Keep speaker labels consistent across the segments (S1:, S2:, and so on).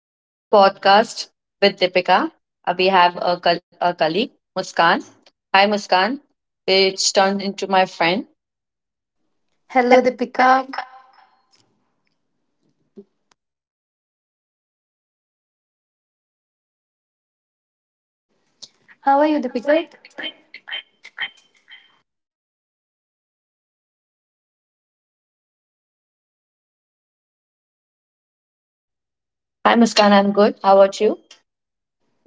S1: Welcome to podcast with Deepika. We have a colleague, Muskan. Hi, Muskan, which turned into my friend.
S2: Hello, Deepika. How are you, Deepika?
S1: Hi, Muskan. I'm good. How about you?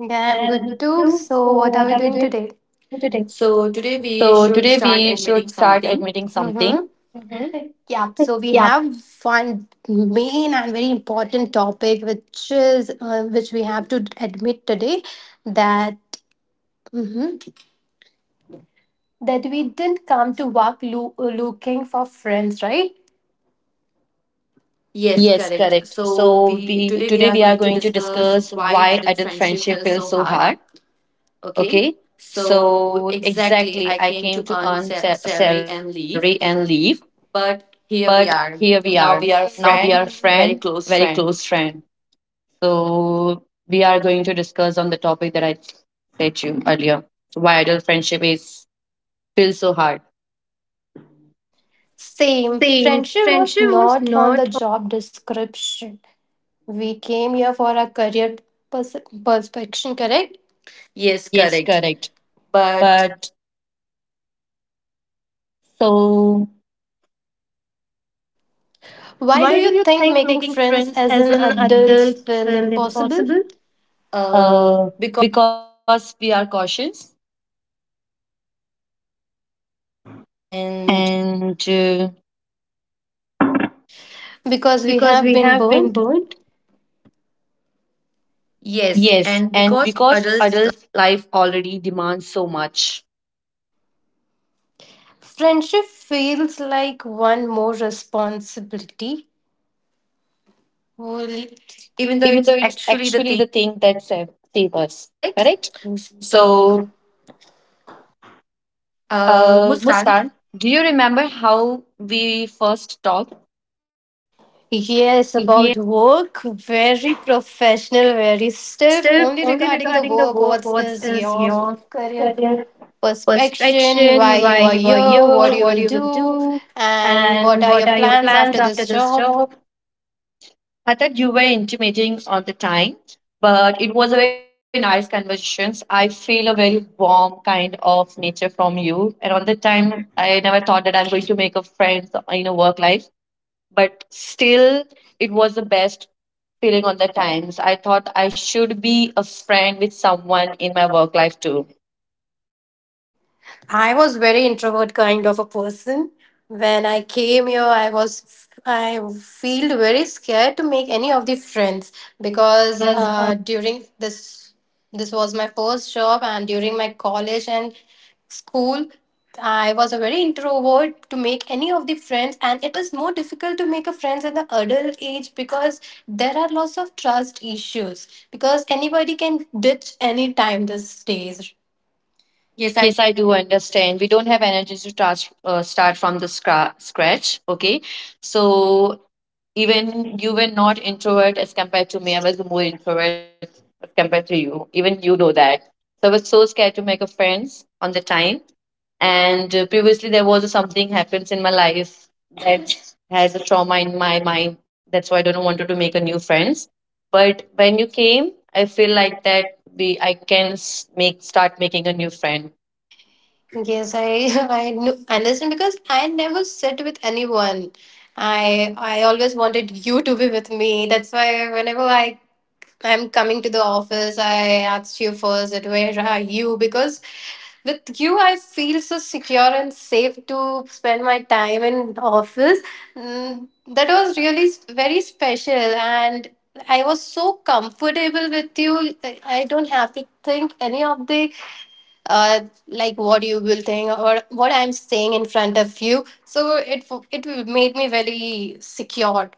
S2: Yeah, I'm
S1: I'm
S2: good
S1: good
S2: too.
S1: too.
S2: So, what
S1: So,
S2: are we
S1: what
S2: doing
S1: are we
S2: today?
S1: doing today?
S2: So today we
S1: So
S2: should
S1: today
S2: start
S1: we should
S2: admitting
S1: start
S2: something.
S1: admitting something.
S2: Mm-hmm.
S1: Hmm.
S2: Yeah, so we
S1: Yeah.
S2: have one main and very important topic, which we have to admit today that hmm that we didn't come to work looking for friends, right? Yes,
S1: Yes,
S2: correct.
S1: correct.
S2: So
S1: So
S2: we
S1: we
S2: today we
S1: today
S2: are
S1: we are
S2: going to
S1: going to
S2: discuss
S1: discuss
S2: why
S1: why
S2: adult
S1: adult
S2: friendship
S1: friendship
S2: feels
S1: feels
S2: so
S1: so
S2: hard.
S1: hard.
S2: Okay.
S1: Okay.
S2: So
S1: So
S2: exactly,
S1: exactly,
S2: I
S1: I
S2: came
S1: came
S2: to
S1: to
S2: earn
S1: earn
S2: salary
S1: salary
S2: and
S1: and
S2: leave,
S1: leave.
S2: but
S1: But
S2: here we
S1: here we
S2: are.
S1: are.
S2: Now we
S1: Now
S2: are a
S1: we are
S2: friend,
S1: friend,
S2: a very
S1: very
S2: close
S1: close
S2: friend.
S1: friend. So we are going to discuss on the topic that I said you earlier. Why adult friendship is still so hard.
S2: Same.
S1: Same.
S2: Friendship was
S1: Friendship was
S2: not on the
S1: not.
S2: job description. We came here for a career pers- perspection, correct? Yes,
S1: Yes,
S2: correct.
S1: correct.
S2: But,
S1: But so,
S2: why do
S1: why
S2: you
S1: do you
S2: think
S1: think
S2: making
S1: making
S2: friends
S1: friends
S2: as an
S1: as an
S2: adult
S1: adult is
S2: feel impossible?
S1: impossible?
S2: uh,
S1: uh,
S2: because
S1: because we are cautious
S2: and
S1: and
S2: Because we
S1: because we
S2: have been
S1: have been
S2: burnt?
S1: born.
S2: Yes,
S1: Yes,
S2: and
S1: and
S2: because
S1: because
S2: adults
S1: adult life already demands so much,
S2: friendship feels like one more responsibility. Will-
S1: only,
S2: Even though
S1: even though
S2: it's
S1: it's
S2: actually the
S1: actually
S2: thing,
S1: the thing that save, save us,
S2: correct?
S1: correct?
S2: So,
S1: So,
S2: Muskan.
S1: Muskan, do you remember how we first talked? Yeah,
S2: Yes, about work. Very professional, very
S1: really.
S2: stiff.
S1: Still,
S2: Only
S1: only
S2: regarding the
S1: regarding the
S2: work,
S1: work,
S2: what
S1: what
S2: is
S1: is
S2: your
S1: your
S2: career
S1: career
S2: perspection, why
S1: perspection, why
S2: you are
S1: you are
S2: here, what
S1: here,
S2: you
S1: what
S2: will
S1: you will
S2: do,
S1: do,
S2: and what
S1: and
S2: are
S1: what
S2: your
S1: are your
S2: plans
S1: plans
S2: after
S1: after
S2: this
S1: this
S2: job.
S1: job? I thought you were intimating on the time, but it was a very nice conversation. I feel a very warm kind of nature from you. And on the time, I never thought that I'm going to make a friend in a work life, but still, it was the best feeling on the times. I thought I should be a friend with someone in my work life too.
S2: I was very introvert kind of a person. When I came here, I feel very scared to make any of the friends because
S1: Because,
S2: during this this was my first job, and during my college and school, I was a very introvert to make any of the friends, and it is more difficult to make a friends in the adult age because there are lots of trust issues because anybody can ditch any time these days. Yes, I
S1: yes, I do understand. We don't have energy to start, start from the scratch. Okay. So even you were not introvert as compared to me. I was more introvert as compared to you. Even you know that. So I was so scared to make a friends on the time. And previously there was something happens in my life that has a trauma in my mind. That's why I don't wanted to make a new friends. But when you came, I feel like that we make start making a new friend.
S2: Yes, I understand, because I never sit with anyone. I always wanted you to be with me. That's why whenever I'm coming to the office, I asked you first that where are you, because with you I feel so secure and safe to spend my time in office. Mm, That was really very special, and I was so comfortable with you. I don't have to think any of the uh, like what you will think or what I'm saying in front of you. So it made me very secure.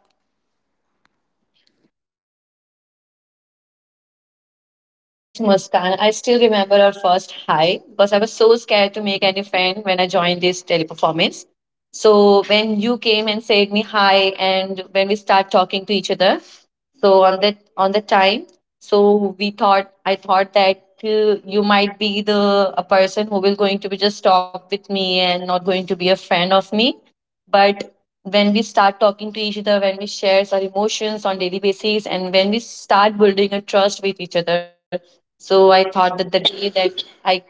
S1: Yes, Muskan. I still remember our first hi because I was so scared to make any friend when I joined this teleperformance. So when you came and said me hi, and when we start talking to each other, so on that time, so we thought I thought that you might be the a person who will going to be just talk with me and not going to be a friend of me, but when we start talking to each other, when we share our emotions on daily basis, and when we start building a trust with each other. So I thought that the day that I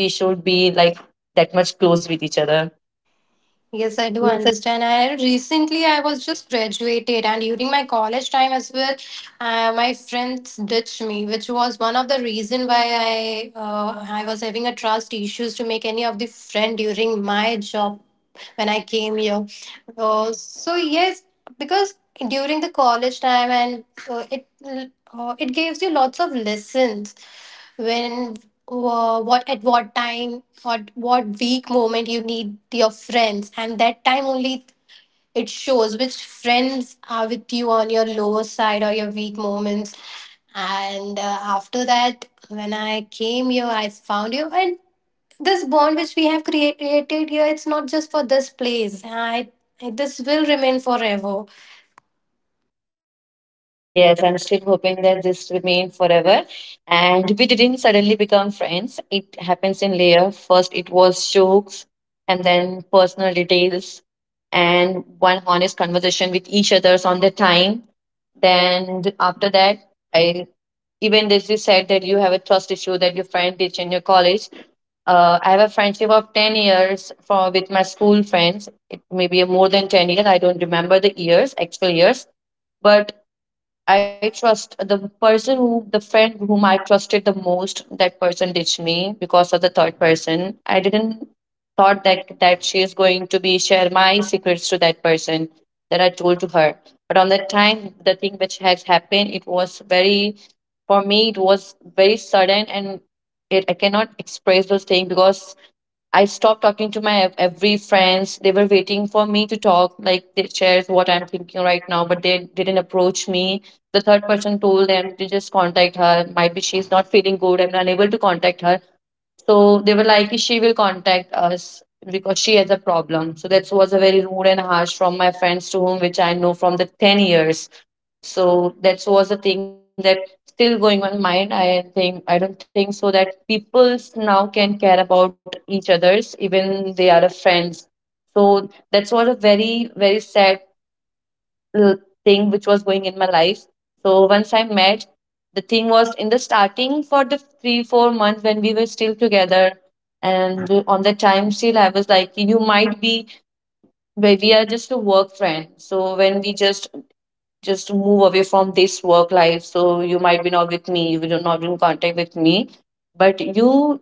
S1: we should be like that much close with each other.
S2: Yes, I do
S1: Yes, I,
S2: understand. And recently, I was just graduated, and during my college time as well, my friends ditched me, which was one of the reason why I was having a trust issues to make any of the friend during my job when I came here. So yes, because during the college time, and it gives you lots of lessons when, what at what time or what weak moment you need your friends, and that time only it shows which friends are with you on your lower side or your weak moments. And after that, when I came here, I found you, and this bond which we have created here, it's not just for this place. I This will remain forever.
S1: yes, I'm still hoping that this remains forever. And we didn't suddenly become friends. It happens in layer. First, it was jokes, and then personal details, and one honest conversation with each other's on the time. Then after that, I, even as you said that you have a trust issue that your friend teach in your college, I have a friendship of 10 years for with my school friends. It may be more than 10 years. I don't remember the years actual years, but I trust the person who, the friend whom I trusted the most, that person ditched me because of the third person. I didn't thought that she is going to be share my secrets to that person that I told to her. But on that time, the thing which has happened, it was very, for me, it was very sudden and I cannot express those things because I stopped talking to my every friends. They were waiting for me to talk, like they shares what I'm thinking right now, but they didn't approach me. The third person told them to just contact her. Might be she's not feeling good. I'm unable to contact her. So they were like, she will contact us because she has a problem. So that was a very rude and harsh from my friends to whom which I know from the 10 years. So that was a thing that still going on mind. I think I don't think so that people now can care about each others even they are a friends. So that's what a very very sad uh, thing which was going in my life. So once I met, the thing was in the starting for the 3 or 4 months when we were still together. And on the time still, I was like, you might be, we are just a work friend. So when we just move away from this work life. So you might be not with me, you will not be in contact with me, but you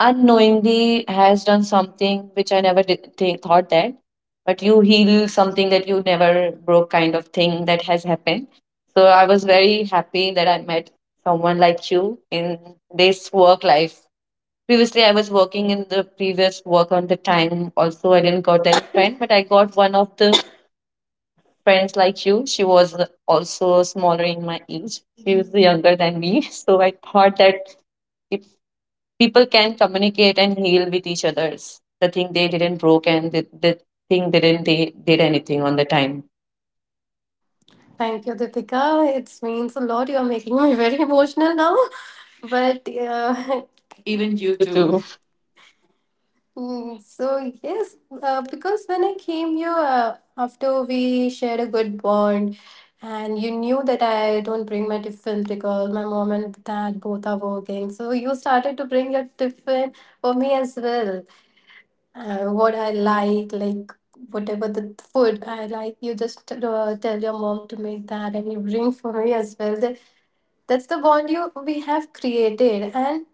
S1: unknowingly has done something which I never thought that. But you heal something that you never broke, kind of thing that has happened. So I was very happy that I met someone like you in this work life. Previously, I was working in the previous work on the time. Also, I didn't got that friend, but I got one of the friends like you. She was also smaller in my age. She was younger than me. So I thought that if people can communicate and heal with each others, the thing they didn't broke and the thing didn't they did anything on the time.
S2: Thank you, Deepika. It means a lot. You are making me very emotional now. But even
S1: Even
S2: you
S1: you
S2: too.
S1: too.
S2: So yes, because when I came here, after we shared a good bond, and you knew that I don't bring my tiffin because my mom and dad both are working. So you started to bring your tiffin for me as well, like whatever the food I like, you just tell your mom to make that and you bring for me as well. That's the bond you we have created. And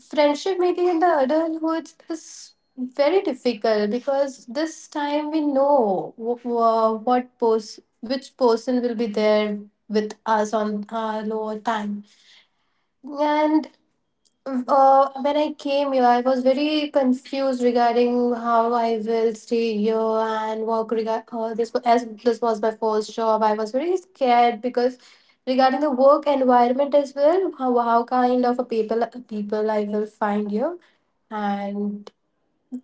S2: friendship maybe in the adulthood is very difficult because this time we know which person will be there with us on our lower time. And when I came here, I was very confused regarding how I will stay here and work. Regard this as this was my first job, I was very scared because regarding the work environment as well, how kind of a people I will find here, and.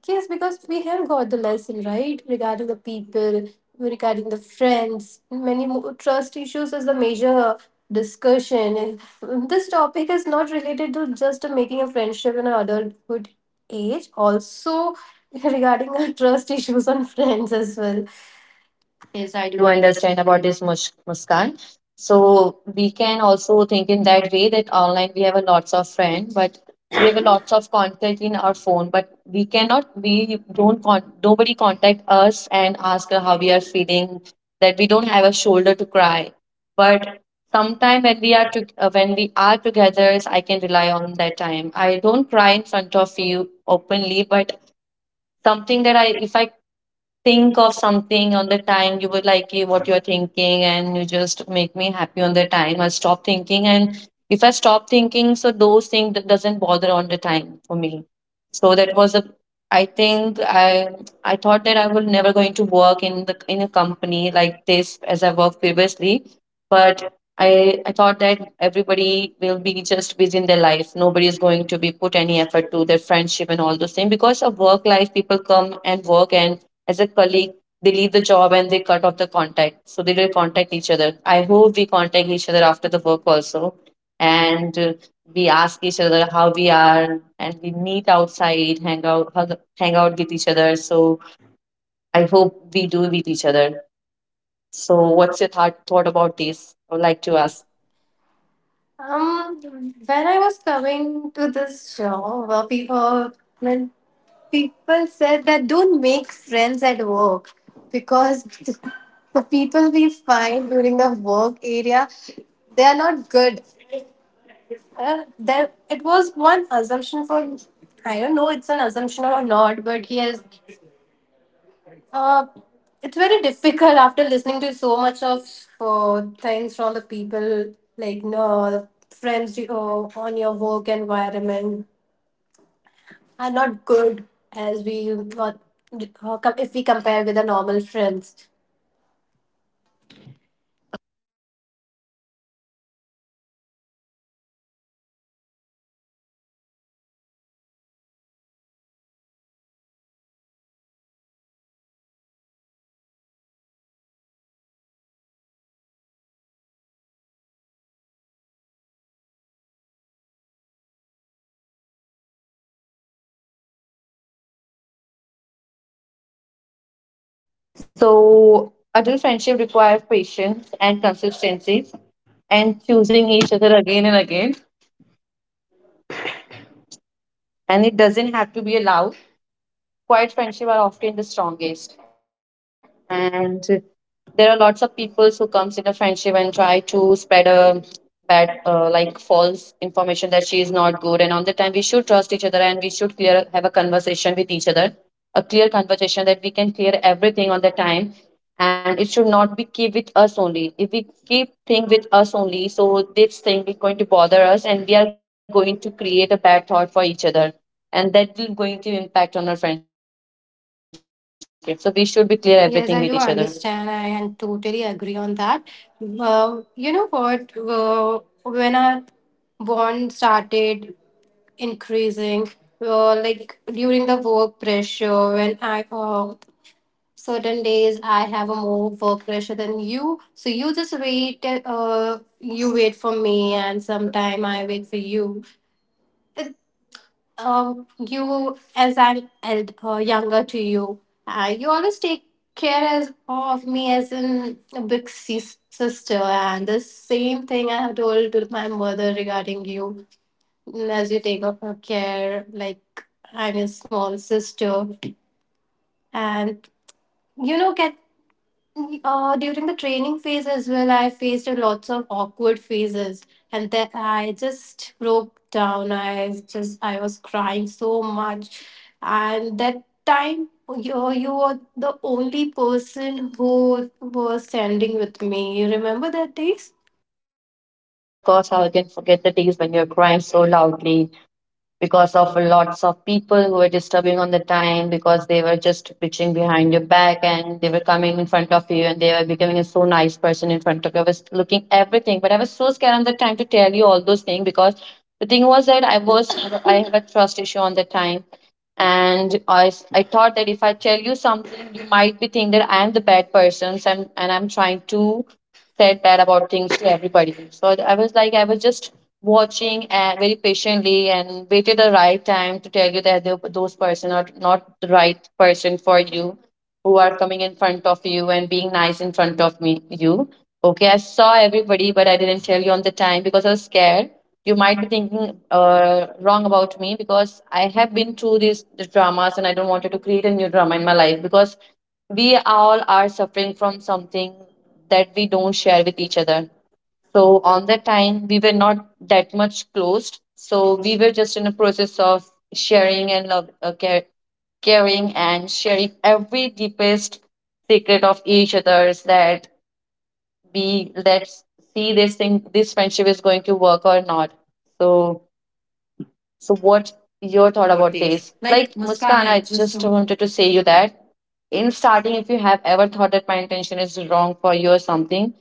S2: Yes, because we have got the lesson, right? Regarding the people, regarding the friends, many more trust issues is the major discussion. This topic is not related to just making a friendship in an adulthood age, also regarding our trust issues on friends as well. Yes,
S1: Yes,
S2: I
S1: I
S2: do
S1: do understand about this, Muskan. So we can also think in that way that online we have a lots of friends, but we have a lots of contact in our phone, but we cannot, we don't, nobody contact us and ask us how we are feeling, that we don't have a shoulder to cry. But sometime when we are when we are together, I can rely on that time. I don't cry in front of you openly, but something that if I think of something on the time you would like it, what you're thinking and you just make me happy on the time I stop thinking. And if I stop thinking so those things that doesn't bother on the time for me. So that was a, I think, i I thought that I will never going to work in the in a company like this as I worked previously, but I thought that everybody will be just busy in their life. Nobody is going to be put any effort to their friendship and all those things because of work life. People come and work and as a colleague, they leave the job and they cut off the contact. So they don't contact each other. I hope we contact each other after the work also. And we ask each other how we are and we meet outside, hang out with each other. So I hope we do with each other. So what's your thought about this? I would like
S2: like
S1: to
S2: to
S1: ask.
S2: ask. When I was coming to this job, pe- when people said that don't make friends at work because the people we find during the work area, they are not good. There, it was one assumption for, I don't know, it's an assumption or not, but yes, uh, it's very difficult after listening to so much of things from the people, like no friends you, on your work environment are not good, as we what if we compare with the normal friends.
S1: So adult friendship requires patience and consistency and choosing each other again and again. And it doesn't have to be a allowed. Quiet friendship are often the strongest. And there are lots of people who comes in a friendship and try to spread a bad like false information that she is not good and on the time we should trust each other and we should clear have a conversation with each other, a clear conversation that we can clear everything on the time. And it should not be keep with us only. If we keep thing with us only so this thing is going to bother us and we are going to create a bad thought for each other, and that will going to impact on our friendship. So we should be clear everything with each other.
S2: Yes, I do understand. I and totally agree on that. You know what? When our bond started increasing, like during the work pressure, when I certain days I have a more work pressure than you, so you just wait. You wait for me, and sometime I wait for you. You, as I'm younger to you, you always take care, of me as in a big sister, and the same thing I have told to my mother regarding you. As you take of her care like I'm a small sister, and you know get during the training phase as well, I faced a lots of awkward phases, and then I just broke down. I was crying so much, and that time you were the only person who was standing with me. You remember that days?
S1: Yes, of course, how I can forget the days when you're crying so loudly because of lots of people who were disturbing on the time because they were just bitching behind your back and they were coming in front of you and they were becoming a so nice person in front of you. I was looking everything, but I was so scared on the time to tell you all those things because the thing was that I have a trust issue on the time and I thought that if I tell you something you might be thinking that I am the bad person and I'm trying to say bad about things to everybody. So I was like, I was just watching very patiently and waited the right time to tell you that those person are not the right person for you, who are coming in front of you and being nice in front of me you. Okay, I saw everybody, but I didn't tell you on the time because I was scared you might be thinking wrong about me because I have been through these dramas and I don't wanted to create a new drama in my life because we all are suffering from something that we don't share with each other. So on that time, we were not that much closed. So we were just in a process of sharing and love, care, caring and sharing every deepest secret of each other's that we let's see this thing, this friendship is going to work or not. So so what your
S2: Thought
S1: thought
S2: about
S1: about
S2: this,
S1: this?
S2: like
S1: Like
S2: Muskan,
S1: Muskan,
S2: I
S1: I
S2: just.
S1: just wanted to say you that in starting, if you have ever thought that my intention is wrong for you or something,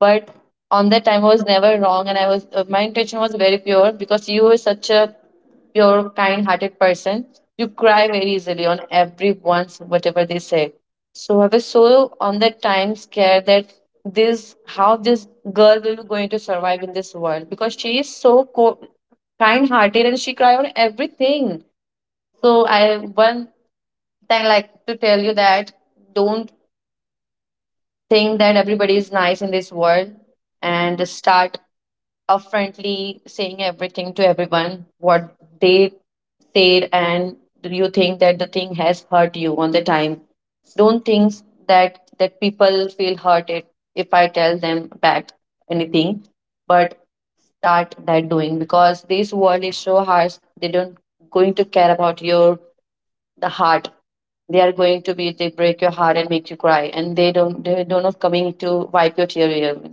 S1: but on that time I was never wrong, and I was my intention was very pure because you were such a pure, kind-hearted person. You cry very easily on everyone's whatever they say. So I was so on that time scared that this how this girl will be going to survive in this world because she is kind-hearted and she cry on everything. So I one thing like to tell you that don't think that everybody is nice in this world and start upfrontly saying everything to everyone what they said and do you think that the thing has hurt you on the time, don't think that people feel hurted if I tell them back anything, but start that doing because this world is so harsh, they don't going to care about your the heart, they are going to be they break your heart and make you cry and they don't know coming to wipe your tear away.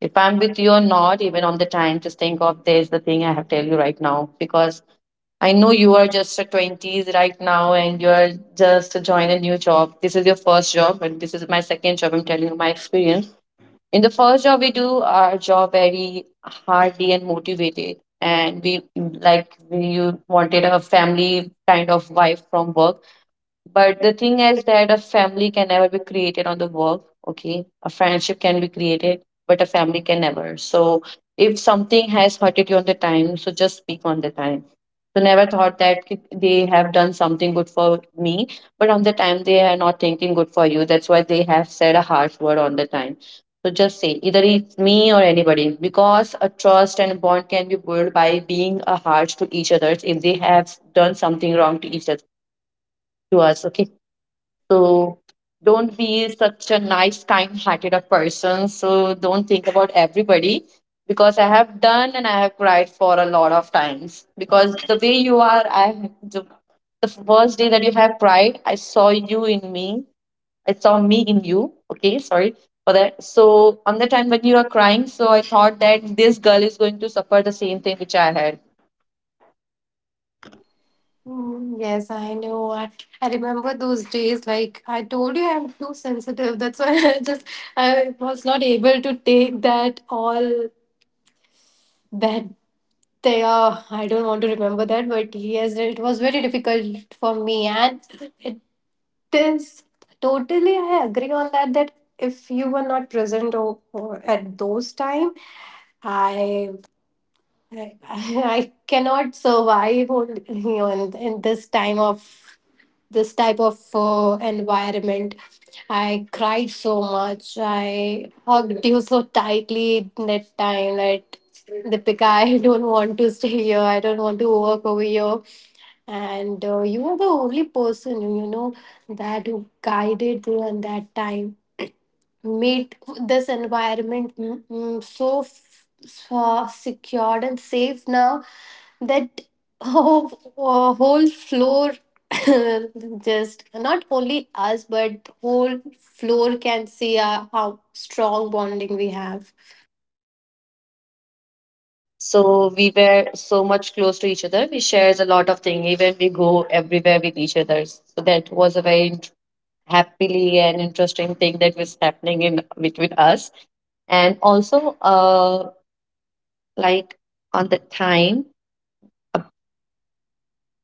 S1: If I'm with you or not even on the time, just think of there's the thing I have to tell you right now because I know you are just a 20s right now and you're just to join a new job, this is your first job and this is my second job, I'm telling you my experience. In the first job we do our job very hardly and motivated and we wanted a family kind of wife from work, but the thing is that a family can never be created on the work. Okay. A friendship can be created, but a family can never. So if something has hurted you on the time, so just speak on the time. So never thought that they have done something good for me, but on the time they are not thinking good for you. That's why they have said a harsh word on the time. So just say either it's me or anybody because a trust and bond can be built by being a harsh to each other if they have done something wrong to each other to us. Okay, so don't be such a nice, kind hearted a person. So don't think about everybody because I have done and I have cried for a lot of times. Because the way you are, the first day that you have cried, I saw you in me. I saw me in you. Okay, sorry for that. So on the time when you are crying, so I thought that this girl is going to suffer the same thing which I had.
S2: Yes, I know. I remember those days. Like I told you, I'm too sensitive. That's why I just I was not able to take that all that they are. I don't want to remember that, but yes, it was very difficult for me, and it is totally. I agree on that. That if you were not present, or at those time, I I cannot survive on, on in this time of this type of environment. I cried so much. I hugged you so tightly that time that Deepika, I don't want to stay here. I don't want to work over here. And you were the only person, that who guided me at that time, made this environment so so secured and safe now that whole, whole floor just not only us but whole floor can see how strong bonding we have.
S1: So we were so much close to each other. We shares a lot of things. Even we go everywhere with each other. So that was a very happily and interesting thing that was happening in between us. And also, like on the time, uh,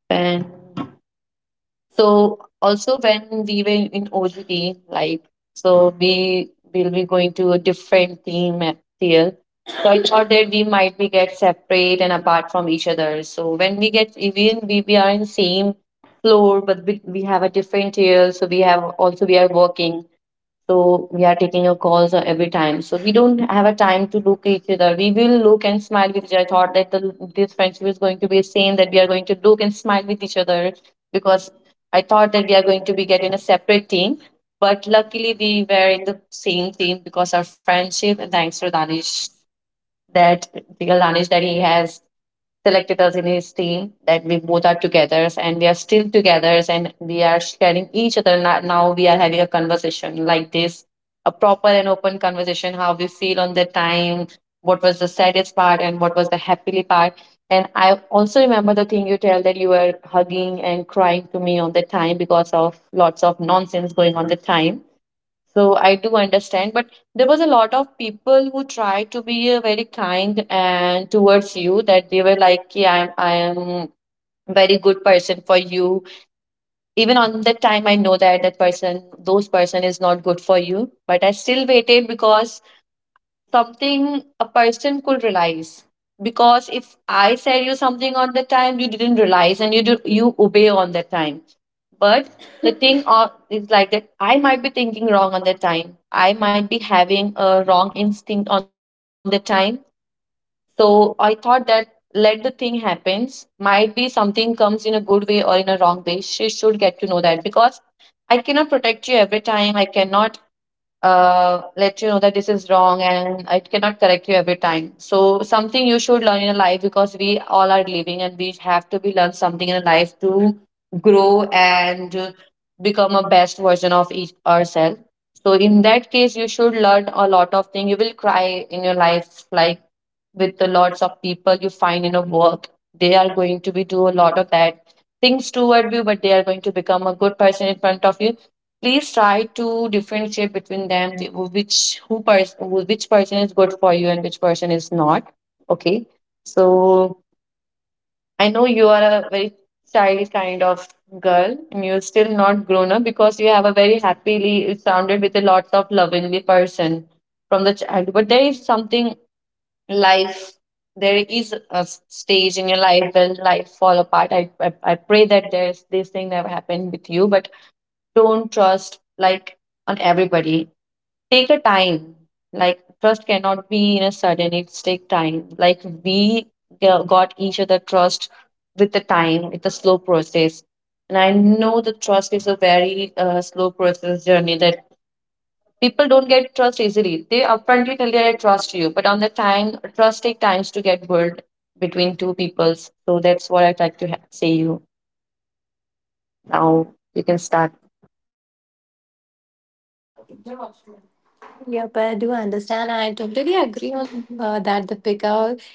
S1: when so also when we were in OGT, so we will be going to a different here. So I thought that we might be get separate and apart from each other. So when we get even we are in same floor, but we have a different tier. So we have also we are working. So we are taking your calls every time. So we don't have a time to look at each other. We will look and smile with each other. I thought that this friendship is going to be the same, that we are going to look and smile with each other because I thought that we are going to be getting a separate team. But luckily we were in the same team because our friendship and thanks to Danish that real Danish that he has selected us in his team, that we both are together and we are still together and we are sharing each other. Now we are having a conversation like this, a proper and open conversation how we feel on the time, what was the saddest part and what was the happily part. And I also remember the thing you tell that you were hugging and crying to me on the time because of lots of nonsense going on the time. So I do understand, but there was a lot of people who tried to be very kind and towards you, that they were like, yeah, I am very good person for you. Even on that time, I know that that person, those person is not good for you, but I still waited because something a person could realize. Because if I said you something on the time, you didn't realize and you obey on that time. But the thing is like that I might be thinking wrong on that time. I might be having a wrong instinct on the time. So I thought that let the thing happens. Might be something comes in a good way or in a wrong way. She should get to know that because I cannot protect you every time. I cannot let you know that this is wrong and I cannot correct you every time. So something you should learn in a life because we all are living and we have to be learn something in a life to grow and become a best version of each ourselves. So in that case, you should learn a lot of things. You will cry in your life, like with the lots of people you find in a work. They are going to be do a lot of bad things toward you, but they are going to become a good person in front of you. Please try to differentiate between them, the- who- which who person which person is good for you and which person is not. Okay, so I know you are a very child kind of girl and you're still not grown up because you have a very happily surrounded with a lot of lovingly person from the child, but there is something life, there is a stage in your life where life fall apart. I pray that there's this thing never happened with you, but don't trust like on everybody, take a time, like trust cannot be in a sudden, it's take time, like g- got each other trust with the time, it's a slow process. And I know the trust is a very slow process journey, that people don't get trust easily, they upfrontly tell you I trust you, but on the time trust take times to get built between two peoples. So that's what I'd like to say you now, you can start.
S2: Yep, I do understand, I totally agree on that, the pickup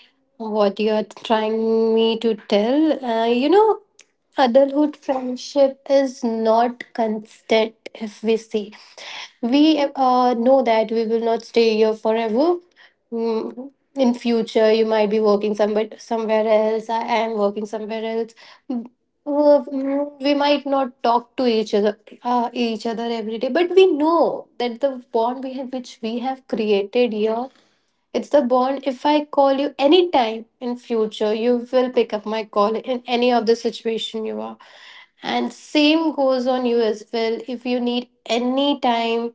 S2: what you're trying me to tell, adulthood friendship is not constant. If we see we know that we will not stay here forever. In future you might be working somewhere somewhere else. I am working somewhere else. Mm, we might not talk to each other every day, but we know that the bond we have, which we have created here, it's the bond. If I call you anytime in future, you will pick up my call in any of the situation you are, and same goes on you as well. If you need any time,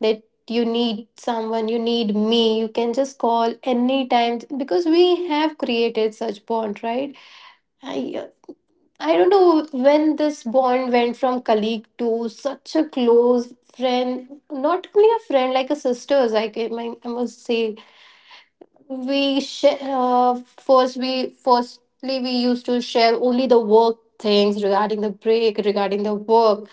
S2: that you need someone, you need me, you can just call anytime, because we have created such bond, right? I I don't know when this bond went from colleague to such a close friend, not only a friend, like a sister's, like, I must say we sh- first we firstly we used to share only the work things, regarding the break, regarding the work.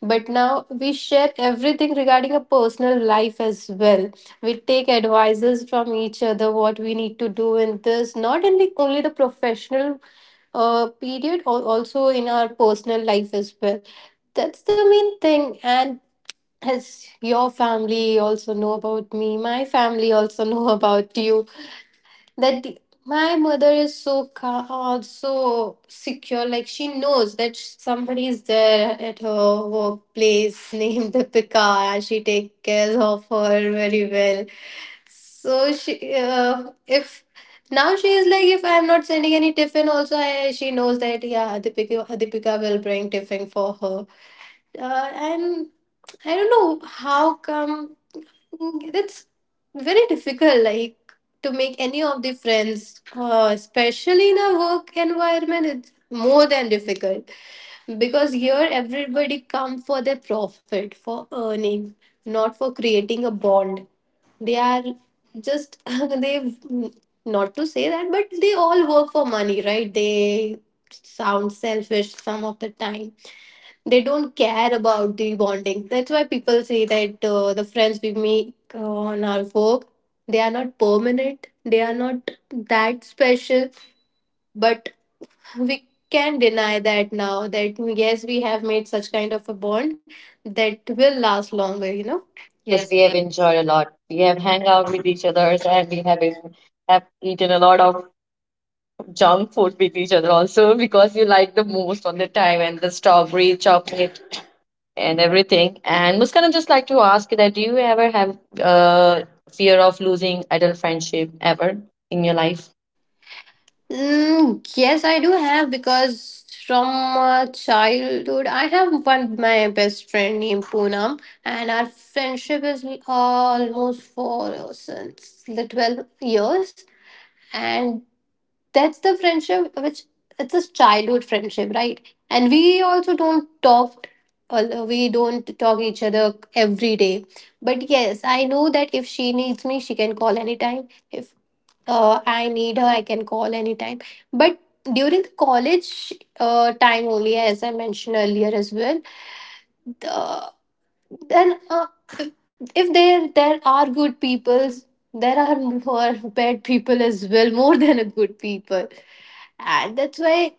S2: But now we share everything regarding a personal life as well. We take advices from each other what we need to do in this, not only the professional period, or also in our personal life as well. That's the main thing. And as your family also know about me, my family also know about you. that the- my mother is so so secure, like she knows that somebody is there at her workplace, named Deepika. She takes care of her very well. So she, if now she is like, if I am not sending any tiffin also, she knows that, yeah, Deepika will bring tiffin for her. Uh, and I don't know how come it's very difficult, like, to make any of the friends, especially in a work environment, it's more than difficult, because here everybody come for their profit, for earning, not for creating a bond. They are just, they, not to say that, but they all work for money, right? They sound selfish some of the time. They don't care about the bonding. That's why people say that the friends we make on our work, they are not permanent. They are not that special. But we can deny that now. That yes, we have made such kind of a bond that will last longer.
S1: Yes,
S2: Yes.
S1: we have enjoyed a lot. We have hang out with each other and we have been, have eaten a lot of junk food with each other also because you like the most on the time and the strawberry chocolate and everything. And Muskan, I just like to ask you that do you ever have fear of losing adult friendship ever in your life?
S2: Yes, I do have, because from childhood I have one my best friend named Poonam, and our friendship is almost for since the 12 years, and that's the friendship which it's a childhood friendship, right? And we also don't talk. We don't talk each other every day, but yes, I know that if she needs me, she can call anytime. If I need her, I can call anytime. But during the college time only, as I mentioned earlier as well, uh, then if there are good peoples, there are more bad people as well, more than a good people, and that's why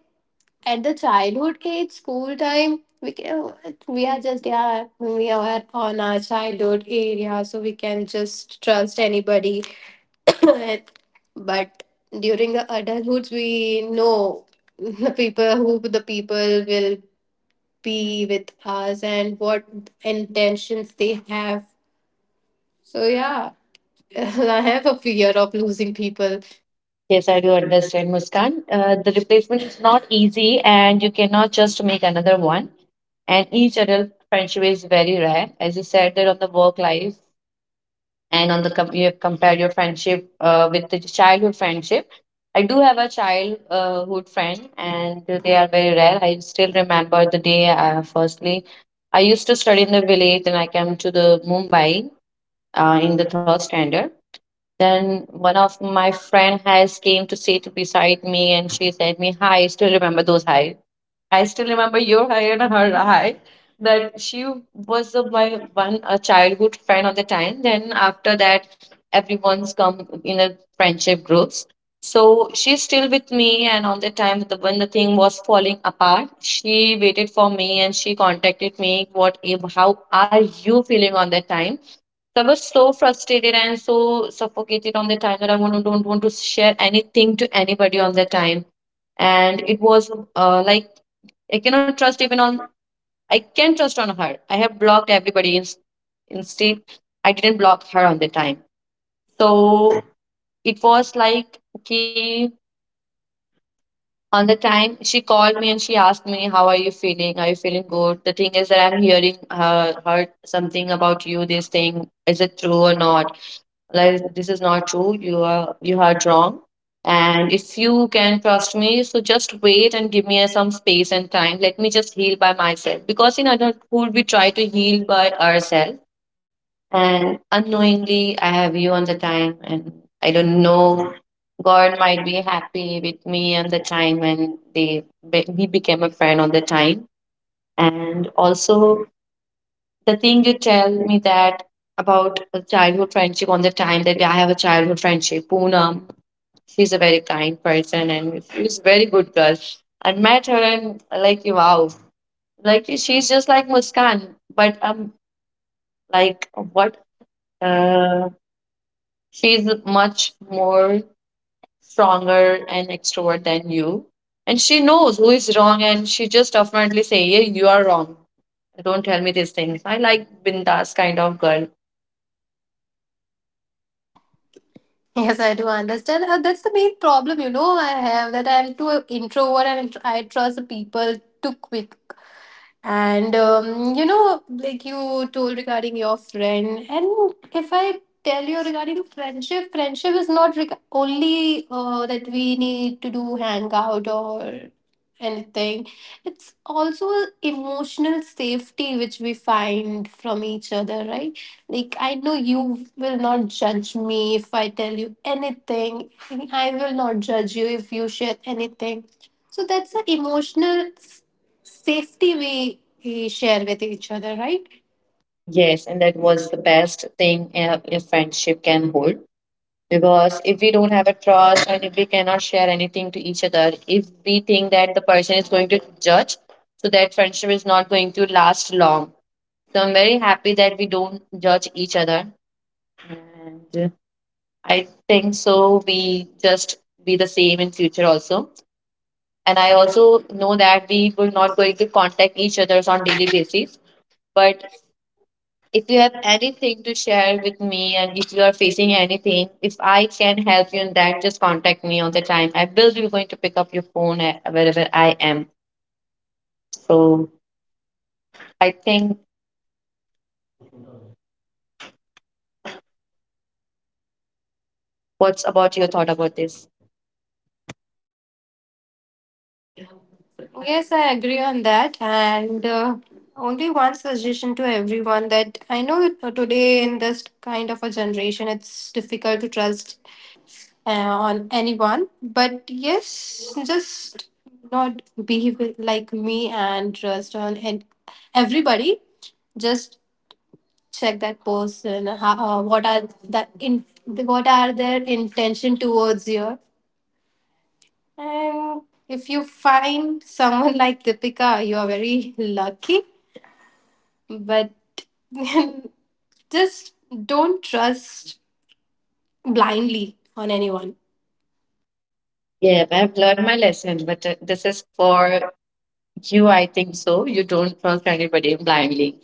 S2: at the childhood age, school time, we, can, we are just, yeah, we are on our childhood area, so we can just trust anybody. But during the adulthood we know the people, who the people will be with us and what intentions they have. So yeah, I have a fear of losing
S1: Well,
S2: people.
S1: yes, I do understand, Muskan. The replacement is not easy and you cannot just make another one and each adult friendship is very rare. As you said, that on the work life, and on the you have compared your friendship with the childhood friendship. I do have a childhood friend and they are very rare. I still remember the day, firstly I used to study in the village and I came to the Mumbai in the third standard. Then one of my friend has came to sit beside me and she said me hi. I still remember those hi, I still remember your high and her high. That she was the my one a childhood friend of the time. Then after that, everyone's come in a friendship groups. So she's still with me, and on the time the when the thing was falling apart, she waited for me and she contacted me. What? How are you feeling on that time? So I was so frustrated and so suffocated on the time that don't want to share anything to anybody on the time and it was like I cannot trust even on I can trust on her. I have blocked everybody. Instead, I didn't block her on the time. So it was like okay. On the time she called me and she asked me, "How are you feeling? Are you feeling good? The thing is that I'm hearing heard something about you. This thing, is it true or not?" Like, this is not true. You are you are wrong, and if you can trust me, so just wait and give me some space and time. Let me just heal by myself, because in adulthood we try to heal by ourselves and unknowingly I have you on the time, and I don't know, God might be happy with me on the time, and they we became a friend on the time. And also the thing you tell me that about a childhood friendship on the time, that I have a childhood friendship, Poonam, she's a very kind person and she's a very good girl. I met her and like, wow, like she's just like Muskan, but like what? Uh, she's much more stronger and extrovert than you, and she knows who is wrong, and she just definitely say, "Yeah, you are wrong. Don't tell me these things." I like bindas kind of girl.
S2: Yes, I do understand, that's the main problem, I have, that I'm too introvert and I trust the people too quick. And like you told regarding your friend, and if I tell you regarding friendship, friendship is not only that we need to do hangout or anything. It's also emotional safety which we find from each other, right? Like I know you will not judge me if I tell you anything. I will not judge you if you share anything. So that's an emotional safety we share with each other, right?
S1: Yes, and that was the best thing a friendship can hold. Because if we don't have a trust and if we cannot share anything to each other, if we think that the person is going to judge, so that friendship is not going to last long. So I'm very happy that we don't judge each other. And I think so we just be the same in future also. And I also know that we will not going to contact each others on daily basis. But if you have anything to share with me and if you are facing anything, if I can help you in that, just contact me all the time. I will be going to pick up your phone wherever I am. So I think, what's about your thought about this?
S2: Yes, I agree on that. And only one suggestion to everyone, that I know that today in this kind of a generation, it's difficult to trust on anyone. But yes, just not behave like me and trust on and everybody. Just check that person. What are that in? What are their intention towards you? And if you find someone like Deepika, you are very lucky. But just don't trust blindly on anyone.
S1: Yeah, I've learned my lesson, but this is for you, I think so. You don't trust anybody blindly.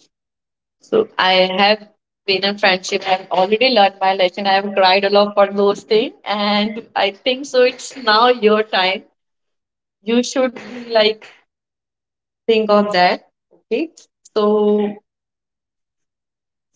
S1: So I have been in friendship. I've already learned my lesson. I've cried a lot for those things. And I think so. It's now your time. You should be like think of that. Okay. So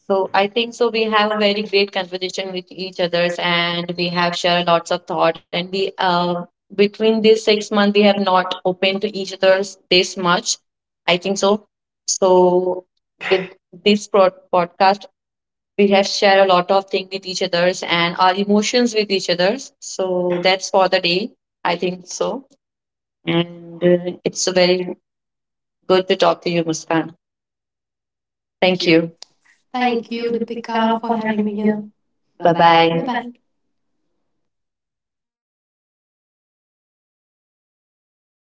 S1: so I think so we have a very great conversation with each others and we have shared lots of thought, and we between these 6 months we have not opened to each other's this much. I think so. So with this podcast we have shared a lot of things with each others and our emotions with each others. So that's for the day, I think so. And it's very good to talk to you, Muskan.
S2: Thank
S1: Thank
S2: you.
S1: you. Thank
S2: Thank you,
S1: you,
S2: Deepika,
S1: Deepika,
S2: for
S1: for
S2: having
S1: having
S2: me
S1: me
S2: here.
S1: here.
S2: Bye
S1: Bye
S2: bye. Bye
S1: bye.
S2: bye.